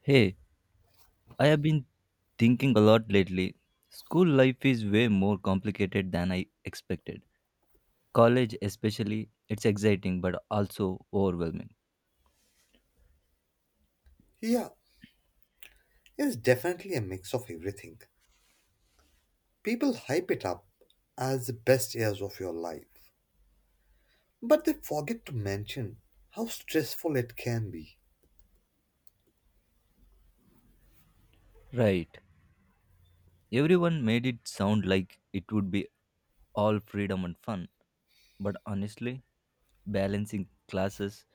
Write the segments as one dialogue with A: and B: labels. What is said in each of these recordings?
A: Hey, I have been thinking a lot lately. School life is way more complicated than I expected. College, especially, it's exciting but also overwhelming.
B: Yeah, it's definitely a mix of everything. People hype it up as the best years of your life, but they forget to mention how stressful it can be.
A: Right. Everyone made it sound like it would be all freedom and fun. But honestly, balancing classes,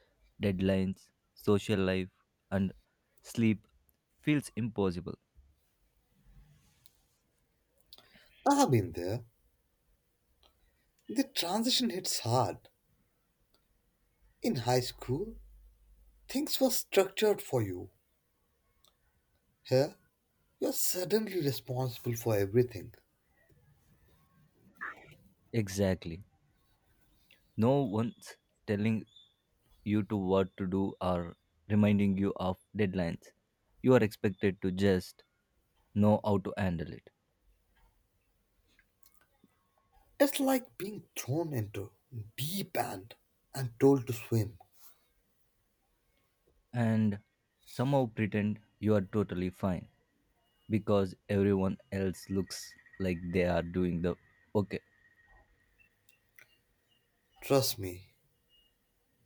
A: deadlines, social life, and sleep feels impossible.
B: I've been there. The transition hits hard. In high school, things were structured for you. Here, you're suddenly responsible for everything.
A: Exactly. No one's telling you to what to do or reminding you of deadlines. You are expected to just know how to handle it
B: It's like being thrown into deep end and told to swim.
A: and somehow pretend you are totally fine because everyone else looks like they are doing the okay.
B: Trust me,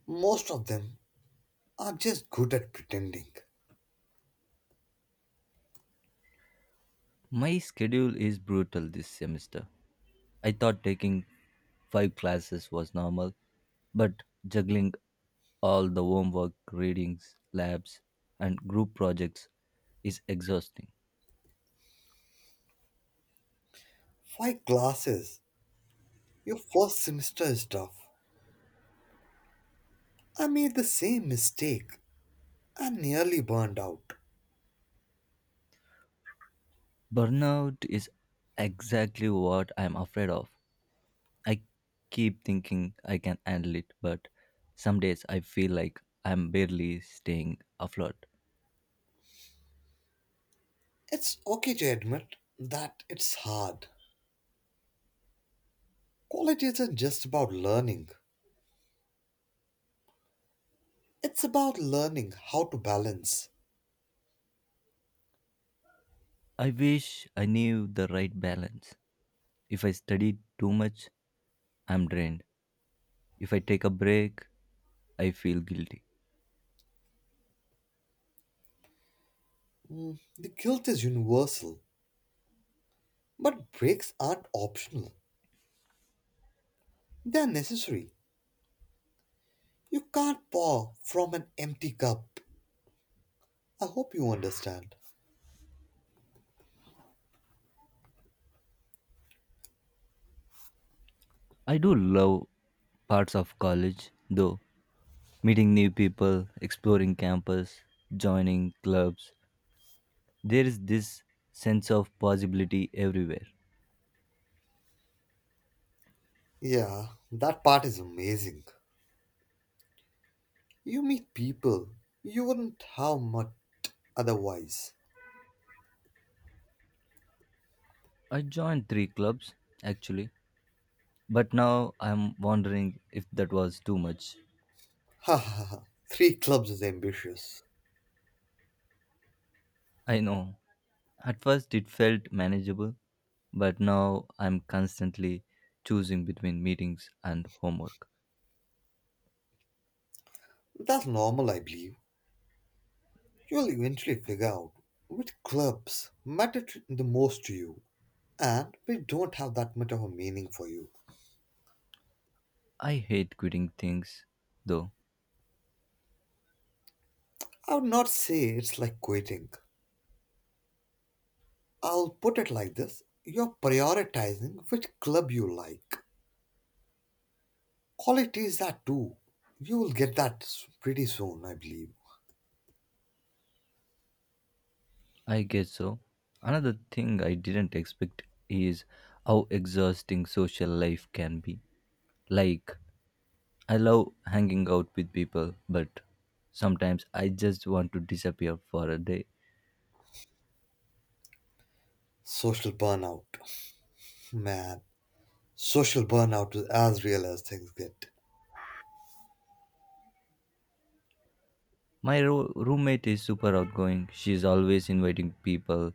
B: most of them are just good at pretending.
A: My schedule is brutal this semester. I thought taking five classes was normal, but juggling all the homework, readings, labs, and group projects is exhausting.
B: Five classes? Your first semester is tough. I made the same mistake. I nearly burned out.
A: Burnout is exactly what I'm afraid of. I keep thinking I can handle it, but some days I feel like I'm barely staying afloat.
B: It's okay to admit that it's hard. College isn't just about learning, it's about learning how to balance.
A: I wish I knew the right balance. If I study too much, I'm drained. If I take a break, I feel guilty.
B: Mm, the guilt is universal, but breaks aren't optional, they're necessary. You can't pour from an empty cup. I hope you understand.
A: I do love parts of college, though. Meeting new people, exploring campus, joining clubs, there is this sense of possibility everywhere.
B: Yeah, that part is amazing. You meet people you wouldn't have much otherwise.
A: I joined three clubs actually, but now I'm wondering if that was too much.
B: Ha ha ha. Three clubs is ambitious.
A: I know. At first it felt manageable, but now I'm constantly choosing between meetings and homework.
B: That's normal, I believe. You'll eventually figure out which clubs matter the most to you and which don't have that much of a meaning for you.
A: I hate quitting things though.
B: I would not say it's like quitting. I'll put it like this, you're prioritizing which club you like. Qualities that too. You will get that pretty soon, I believe.
A: I guess so. Another thing I didn't expect is how exhausting social life can be. Like, I love hanging out with people, but sometimes I just want to disappear for a day.
B: Social burnout. Man, social burnout is as real as things get.
A: My roommate is super outgoing. She's always inviting people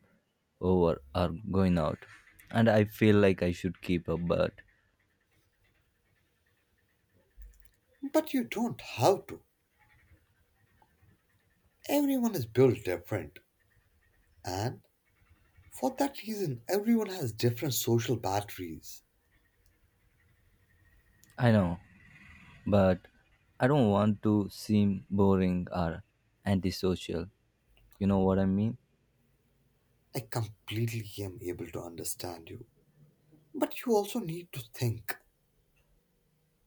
A: over or going out. And I feel like I should keep up, but
B: But you don't have to. Everyone is built different. And for that reason, everyone has different social batteries.
A: I know, but I don't want to seem boring or antisocial. You know what I mean?
B: I completely am able to understand you. But you also need to think.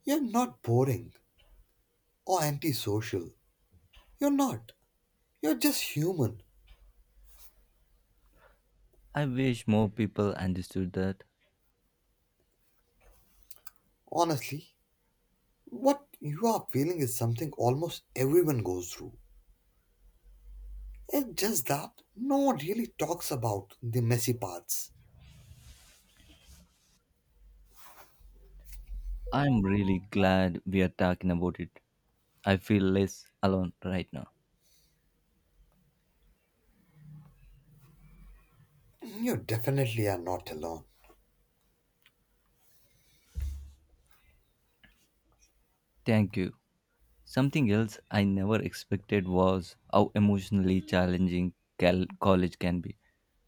B: You're not boring or antisocial. You're not. You're just human.
A: I wish more people understood that.
B: Honestly, what you are feeling is something almost everyone goes through. It's just that no one really talks about the messy parts.
A: I'm really glad we are talking about it. I feel less alone right now.
B: You definitely are not alone.
A: Thank you. Something else I never expected was how emotionally challenging college can be.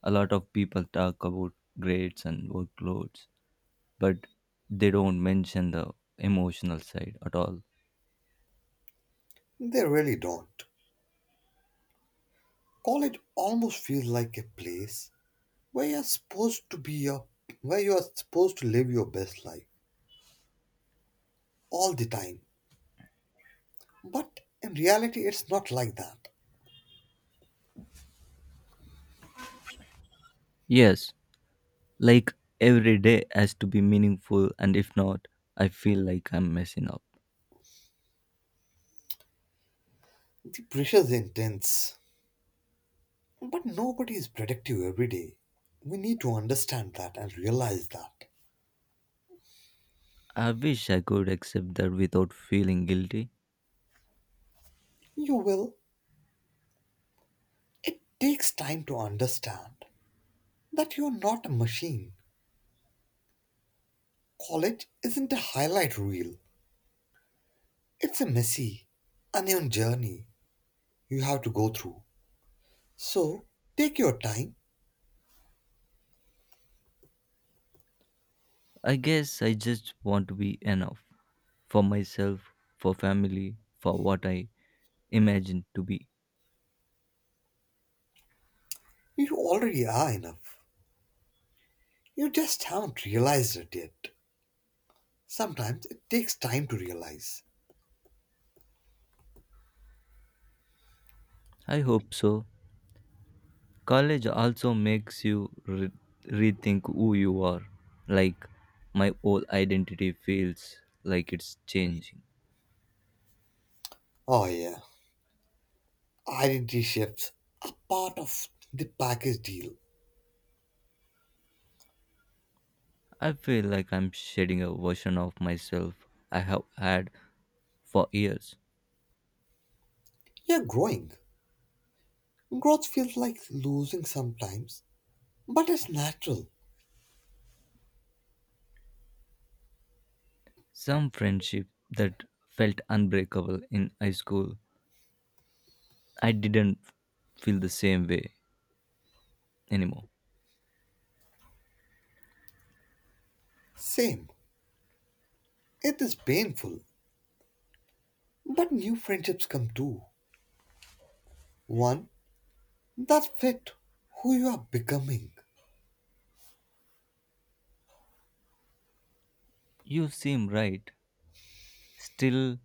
A: A lot of people talk about grades and workloads, but they don't mention the emotional side at all.
B: They really don't. College almost feels like a place where you're supposed to be your, where you are supposed to live your best life all the time. But in reality it's not like that.
A: Yes, like every day has to be meaningful, and if not, I feel like I'm messing up.
B: The pressure is intense. But nobody is productive every day. We need to understand that and realize that.
A: I wish I could accept that without feeling guilty.
B: You will. It takes time to understand that you're not a machine. College isn't a highlight reel. It's a messy, uneven journey you have to go through. So take your time.
A: I guess I just want to be enough for myself, for family, for what I imagined to be.
B: You already are enough. You just haven't realized it yet. Sometimes it takes time to realize.
A: I hope so. College also makes you rethink who you are. Like, my old identity feels like it's changing.
B: Oh, yeah. Identity shifts are part of the package deal.
A: I feel like I'm shedding a version of myself I have had for years.
B: You're growing. Growth feels like losing sometimes, but it's natural.
A: Some friendship that felt unbreakable in high school, I didn't feel the same way anymore.
B: Same. It is painful, but new friendships come too. One that fit who you are becoming.
A: You seem right. Still,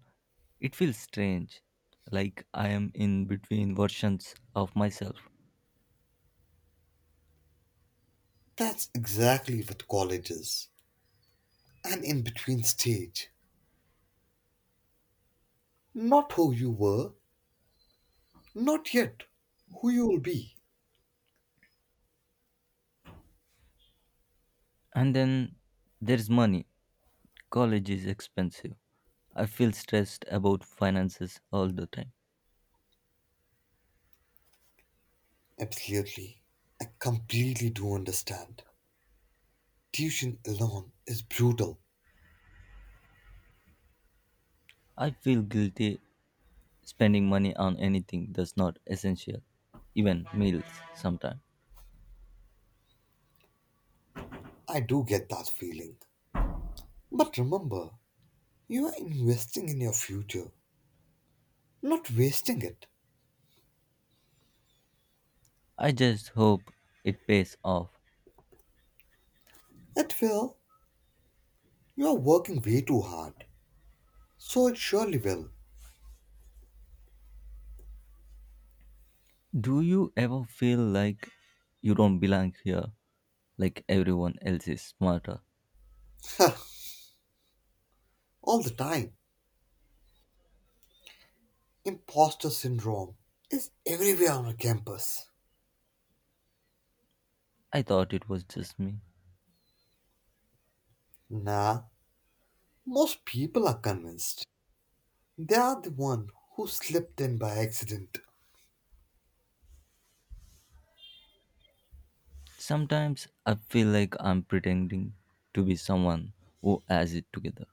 A: it feels strange, like I am in between versions of myself.
B: That's exactly what college is, an in between stage. Not who you were, not yet, who you will be.
A: And then there's money. College is expensive. I feel stressed about finances all the time.
B: Absolutely. I completely do understand. Tuition alone is brutal.
A: I feel guilty spending money on anything that's not essential, even meals sometimes.
B: I do get that feeling. But remember, you are investing in your future, not wasting it.
A: I just hope it pays off.
B: At will, you are working way too hard. So it surely will.
A: Do you ever feel like you don't belong here, like everyone else is smarter?
B: All the time. Imposter syndrome is everywhere on a campus.
A: I thought it was just me.
B: Nah, most people are convinced. They are the one who slipped in by accident.
A: Sometimes I feel like I'm pretending to be someone who has it together.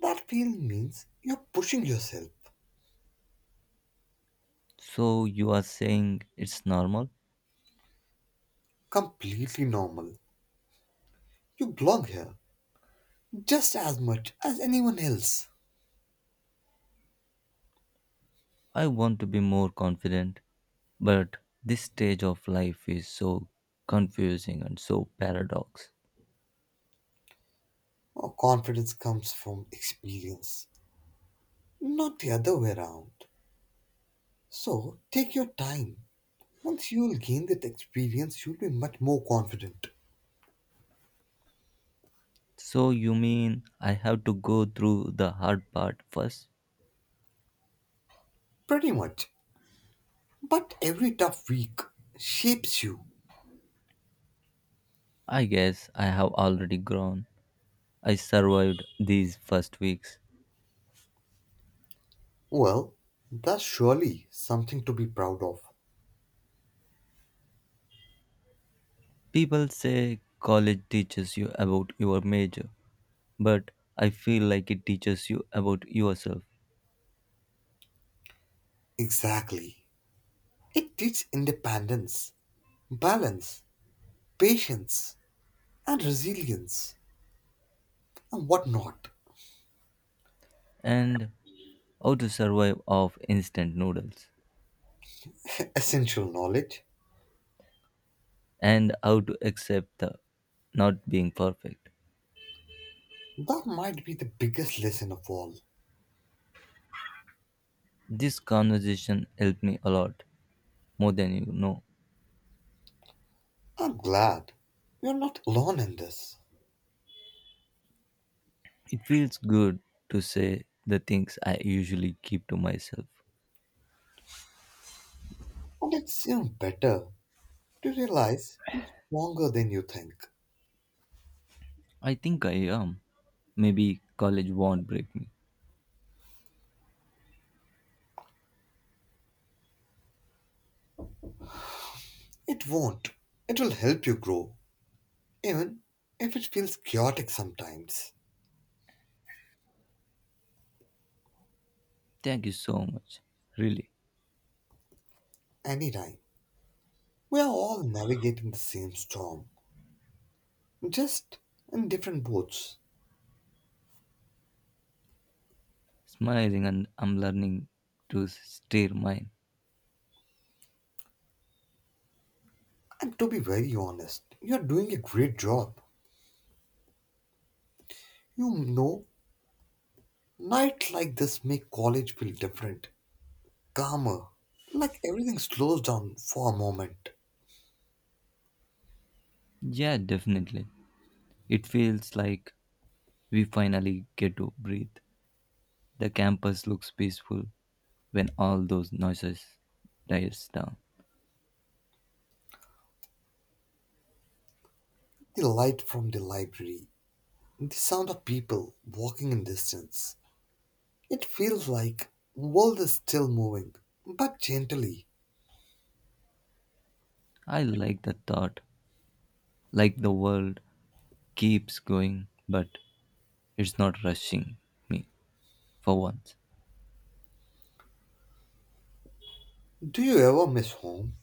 B: That feeling means you're pushing yourself.
A: So you are saying it's normal?
B: Completely normal. You belong here just as much as anyone else.
A: I want to be more confident, but this stage of life is so confusing and so paradox.
B: Our confidence comes from experience, not the other way around. So take your time. Once you'll gain that experience, you'll be much more confident.
A: So you mean I have to go through the hard part first?
B: Pretty much. But every tough week shapes you.
A: I guess I have already grown. I survived these first weeks.
B: Well, that's surely something to be proud of.
A: People say college teaches you about your major, but I feel like it teaches you about yourself
B: Exactly. It teaches independence, balance, patience, and resilience, and whatnot.
A: and how to survive off instant noodles
B: Essential knowledge.
A: and how to accept the not being perfect.
B: That might be the biggest lesson of all.
A: This conversation helped me a lot, more than you know.
B: I'm glad you're not alone in this.
A: It feels good to say the things I usually keep to myself.
B: And it's even better to realize you're stronger than you think.
A: I think I am. Maybe college won't break me.
B: It won't. It will help you grow, even if it feels chaotic sometimes.
A: Thank you so much. Really.
B: Anytime. We are all navigating the same storm, just in different boats.
A: Smiling and I'm learning to steer mine.
B: And to be very honest, you're doing a great job. You know, nights like this make college feel different, calmer, like everything slows down for a moment.
A: Yeah, definitely. It feels like we finally get to breathe. The campus looks peaceful when all those noises dies down.
B: The light from the library, the sound of people walking in distance. It feels like world is still moving, but gently.
A: I like the thought, like the world keeps going, but it's not rushing me for once.
B: Do you ever miss home?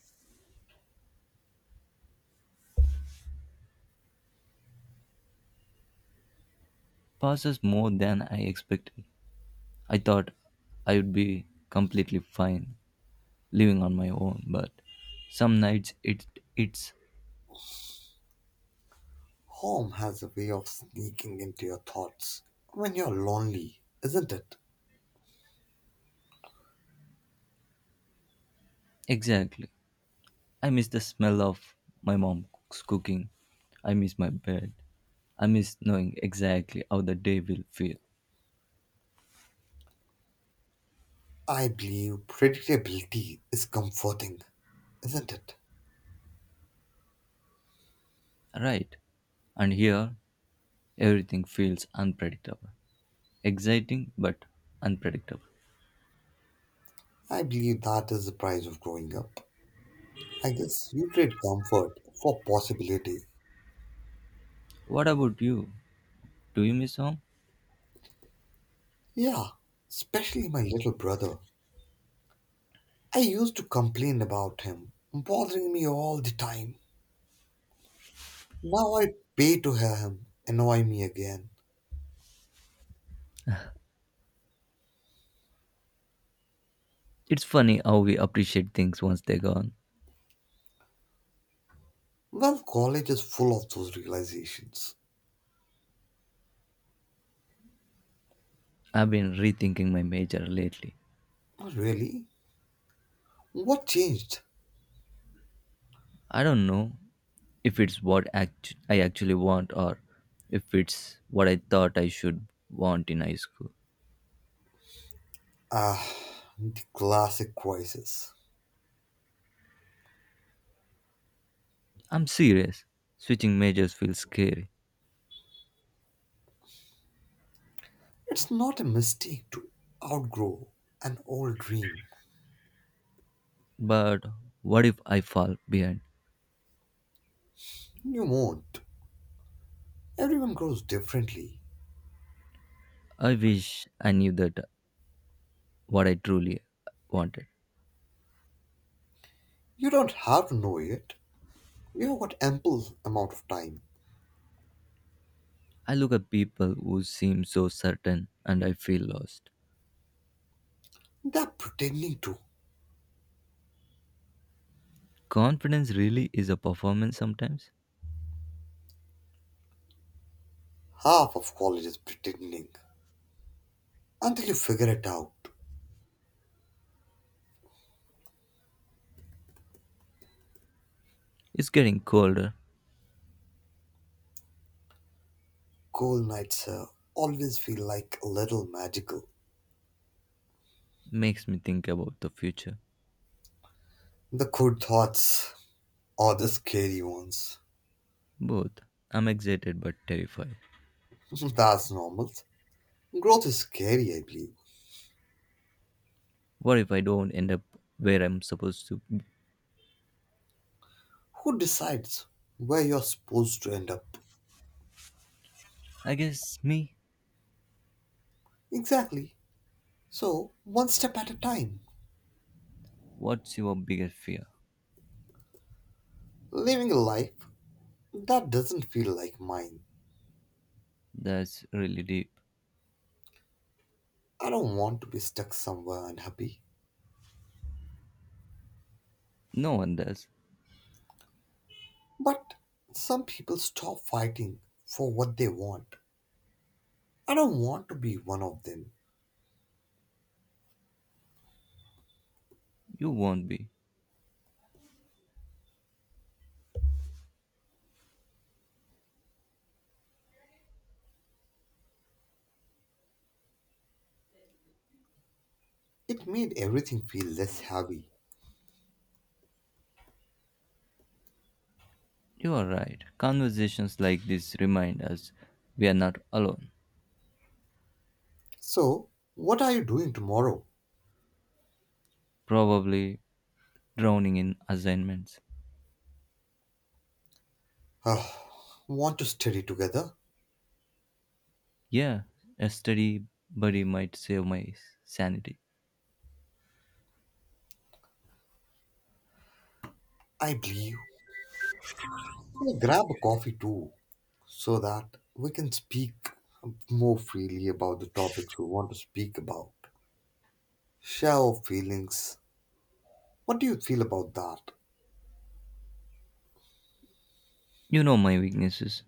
A: Passes more than I expected. I thought I would be completely fine living on my own, but some nights it's
B: Home has a way of sneaking into your thoughts when you're lonely, isn't it?
A: exactly I miss the smell of my mom's cooking. I miss my bed. I miss knowing exactly how the day will feel.
B: I believe predictability is comforting, isn't it?
A: Right. And here, everything feels unpredictable. Exciting, but unpredictable.
B: I believe that is the price of growing up. I guess you trade comfort for possibility.
A: What about you? Do you miss home?
B: Yeah, especially my little brother. I used to complain about him, bothering me all the time. Now I pay to hear him annoy me again.
A: It's funny how we appreciate things once they're gone.
B: Well, college is full of those realizations.
A: I've been rethinking my major lately.
B: Oh, really? What changed?
A: I don't know if it's what I actually want or if it's what I thought I should want in high school.
B: Ah, the classic crisis.
A: I'm serious. Switching majors feels scary.
B: It's not a mistake to outgrow an old dream.
A: But what if I fall behind?
B: You won't. Everyone grows differently.
A: I wish I knew that what I truly wanted.
B: You don't have to know it. You have got ample amount of time.
A: I look at people who seem so certain and I feel lost.
B: They're pretending to.
A: Confidence really is a performance sometimes.
B: Half of college is pretending. Until you figure it out.
A: It's getting colder,
B: Cold nights always feel like a little magical.
A: makes me think about the future.
B: The good thoughts are the scary ones.
A: Both. I'm excited but terrified.
B: That's normal. Growth is scary, I believe.
A: What if I don't end up where I'm supposed to be?
B: Who decides where you're supposed to end up?
A: I guess me.
B: Exactly. So, one step at a time.
A: What's your biggest fear?
B: Living a life that doesn't feel like mine.
A: That's really deep.
B: I don't want to be stuck somewhere unhappy.
A: No one does.
B: But some people stop fighting for what they want. I don't want to be one of them.
A: You won't be.
B: It made everything feel less heavy.
A: You are right. Conversations like this remind us we are not alone,
B: So, what are you doing tomorrow?
A: probably drowning in assignments.
B: Ugh, want to study together?
A: Yeah, a steady buddy might save my sanity.
B: I believe we'll grab a coffee too so that we can speak more freely about the topics we want to speak about. Share our feelings. What do you feel about that?
A: You know my weaknesses.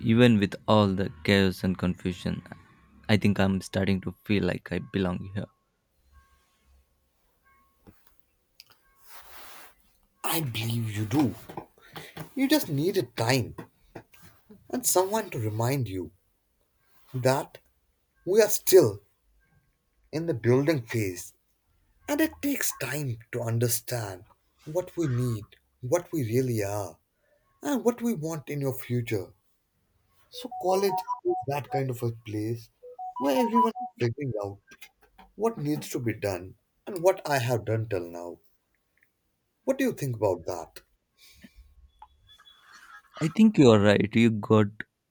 A: Even with all the chaos and confusion, I think I'm starting to feel like I belong here.
B: I believe you do. You just needed time, and someone to remind you that we are still in the building phase and it takes time to understand what we need, what we really are, and what we want in your future. So, college is that kind of a place where everyone is figuring out what needs to be done and what I have done till now. What do you think about that?
A: I think you are right. You got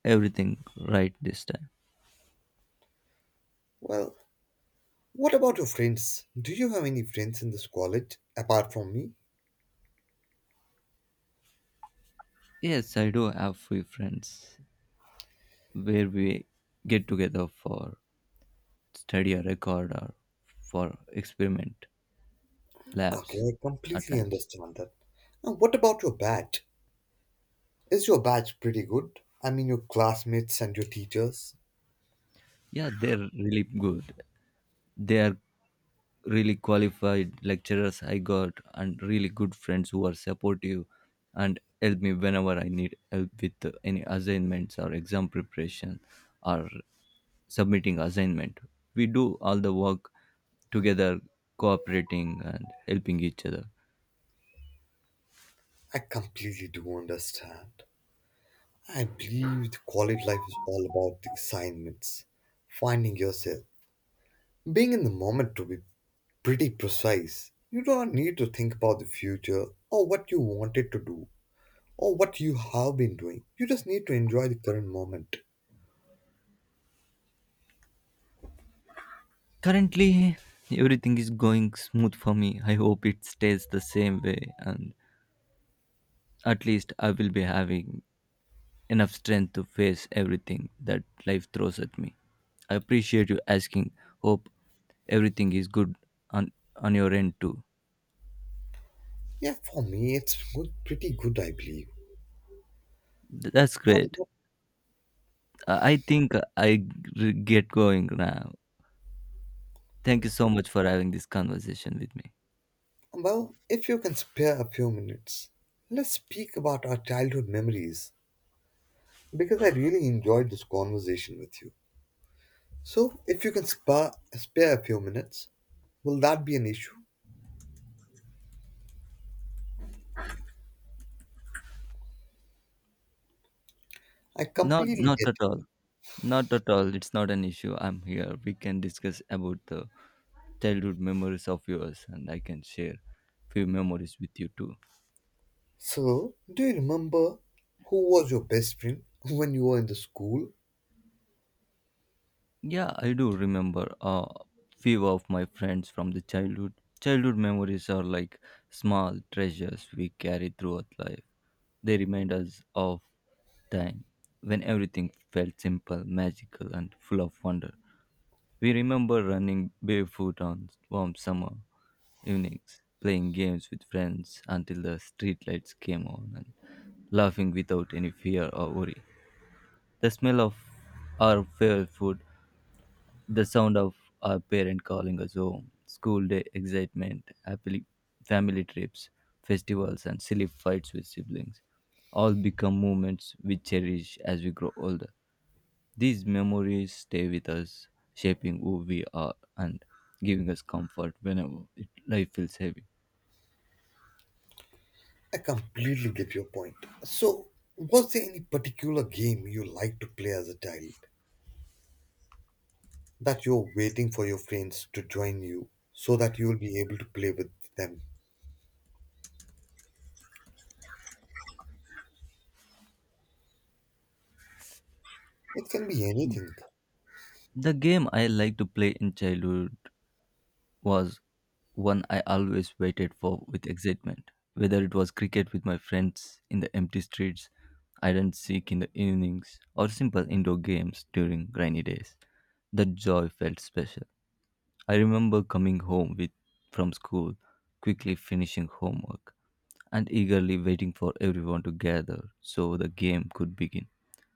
A: everything right this time.
B: Well, what about your friends? Do you have any friends in this college apart from me?
A: Yes, I do have few friends where we get together for study or record or for experiment
B: Okay,
A: labs
B: I
A: at
B: completely
A: times.
B: understand that. Now, what about your batch? Is your batch pretty good? I mean, your classmates and your teachers?
A: Yeah, they're really good. They are really qualified lecturers I got and really good friends who are supportive and help me whenever I need help with any assignments or exam preparation or submitting assignment. We do all the work together, cooperating and helping each other.
B: I completely do understand. I believe the college life is all about the assignments, finding yourself, being in the moment, to be pretty precise. You don't need to think about the future or what you wanted to do or what you have been doing. You just need to enjoy the current moment.
A: Currently, everything is going smooth for me. I hope it stays the same way, and at least I will be having enough strength to face everything that life throws at me. I appreciate you asking. Hope everything is good on your end too.
B: Yeah, for me, it's good, pretty good, I believe.
A: That's
B: Um,
A: great. I think I get going now. Thank you so much for having this conversation with me.
B: Well, if you can spare a few minutes, let's speak about our childhood memories because I really enjoyed this conversation with you. So, if you can spare a few minutes, will that be an issue? I
A: Not
B: completely get
A: not at
B: it.
A: all. Not at all. It's not an issue. I'm here. We can discuss about the childhood memories of yours and I can share few memories with you too.
B: So, do you remember who was your best friend when you were in the school?
A: Yeah, I do remember a few of my friends from the childhood. Childhood memories are like small treasures we carry throughout life. They remind us of time when everything felt simple, magical and full of wonder. We remember running barefoot on warm summer evenings, playing games with friends until the streetlights came on, and laughing without any fear or worry. The smell of our favorite food, the sound of our parent calling us home, school day excitement, happily family trips, festivals, and silly fights with siblings all become moments we cherish as we grow older. These memories stay with us, shaping who we are and giving us comfort whenever life feels heavy.
B: I completely get your point. So, was there any particular game you liked to play as a child that you're waiting for your friends to join you so that you'll be able to play with them? It can be anything.
A: The game I liked to play in childhood was one I always waited for with excitement. Whether it was cricket with my friends in the empty streets, iron seek in the evenings, or simple indoor games during rainy days, the joy felt special. I remember coming home with from school, quickly finishing homework and eagerly waiting for everyone to gather so the game could begin.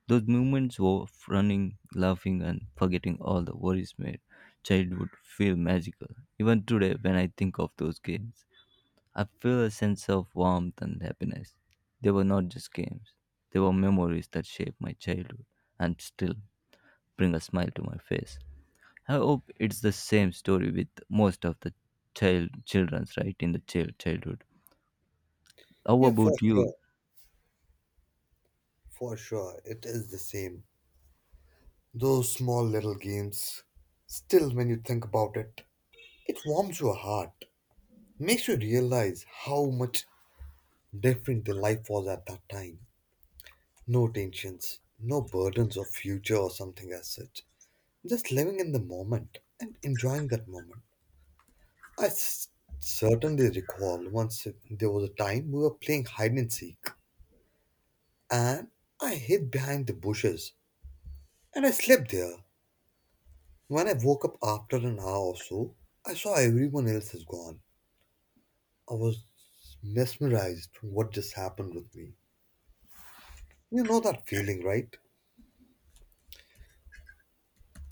A: Those moments of running, laughing, and forgetting all the worries made childhood feel magical. Even today, when I think of those games, I feel a sense of warmth and happiness. They were not just games, they were memories that shaped my childhood and still bring a smile to my face. I hope it's the same story with most of the children's right in the childhood. How
B: Yeah, for
A: about
B: sure.
A: you?
B: For sure. It is the same. Those small little games. Still, when you think about it, it warms your heart. Makes you realize how much different the life was at that time. No tensions, no burdens of future or something as such. Just living in the moment and enjoying that moment. I certainly recall once there was a time we were playing hide and seek and I hid behind the bushes and I slept there. When I woke up after an hour or so, I saw everyone else has gone. I was mesmerized from what just happened with me. You know that feeling, right?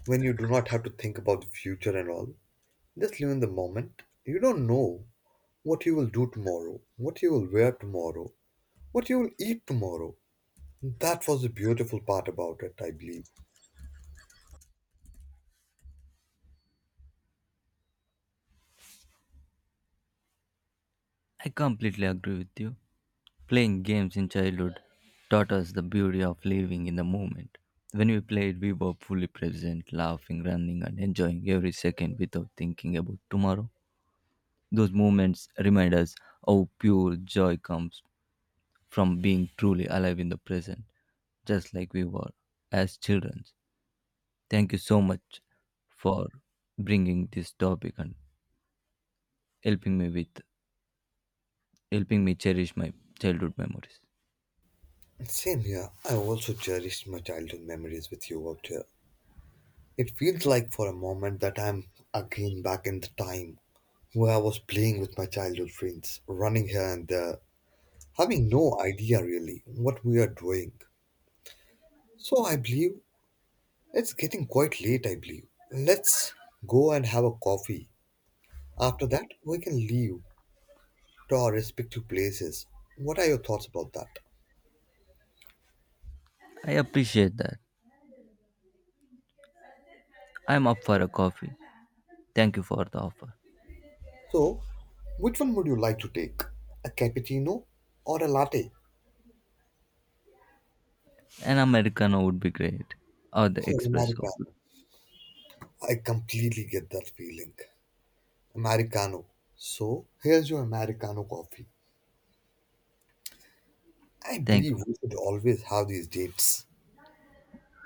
B: When you do not have to think about the future and all. Just live in the moment. You don't know what you will do tomorrow, what you will wear tomorrow, what you will eat tomorrow. That was the beautiful part about it, I believe.
A: I completely agree with you. Playing games in childhood taught us the beauty of living in the moment. When we played, we were fully present, laughing, running, and enjoying every second without thinking about tomorrow. Those moments remind us how pure joy comes from being truly alive in the present, just like we were as children. Thank you so much for bringing this topic and helping me with helping me cherish my childhood memories.
B: Same here. I also cherished my childhood memories with you out here. It feels like for a moment that I'm again back in the time where I was playing with my childhood friends, running here and there, having no idea really what we are doing. So I believe it's getting quite late, I believe. Let's go and have a coffee. After that, we can leave to our respective places. What are your thoughts about that?
A: I appreciate that. I'm up for a coffee. Thank you for the offer.
B: So, which one would you like to take? A cappuccino or a latte?
A: An Americano would be great, or the
B: Oh,
A: espresso.
B: Americano. I completely get that feeling. Americano. So, here's your Americano coffee. I
A: Thank
B: believe
A: you.
B: we should always have these dates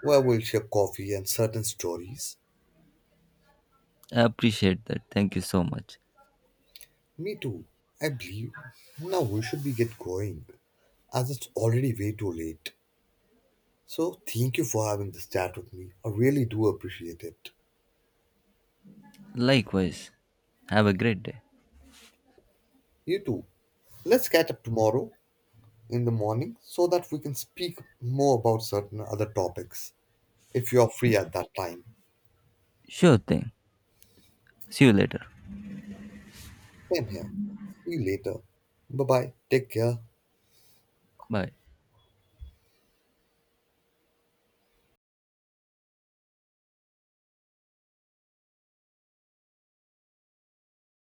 B: where we'll share coffee and certain stories.
A: I appreciate that. Thank you so much.
B: Me too. I believe now we should be get going as it's already way too late. So thank you for having this chat with me. I really do appreciate it.
A: Likewise. Have a great day.
B: You too. Let's catch up tomorrow in the morning so that we can speak more about certain other topics if you're free at that time.
A: Sure thing. See you later.
B: Same here. See you later. Bye bye. Take care.
A: Bye.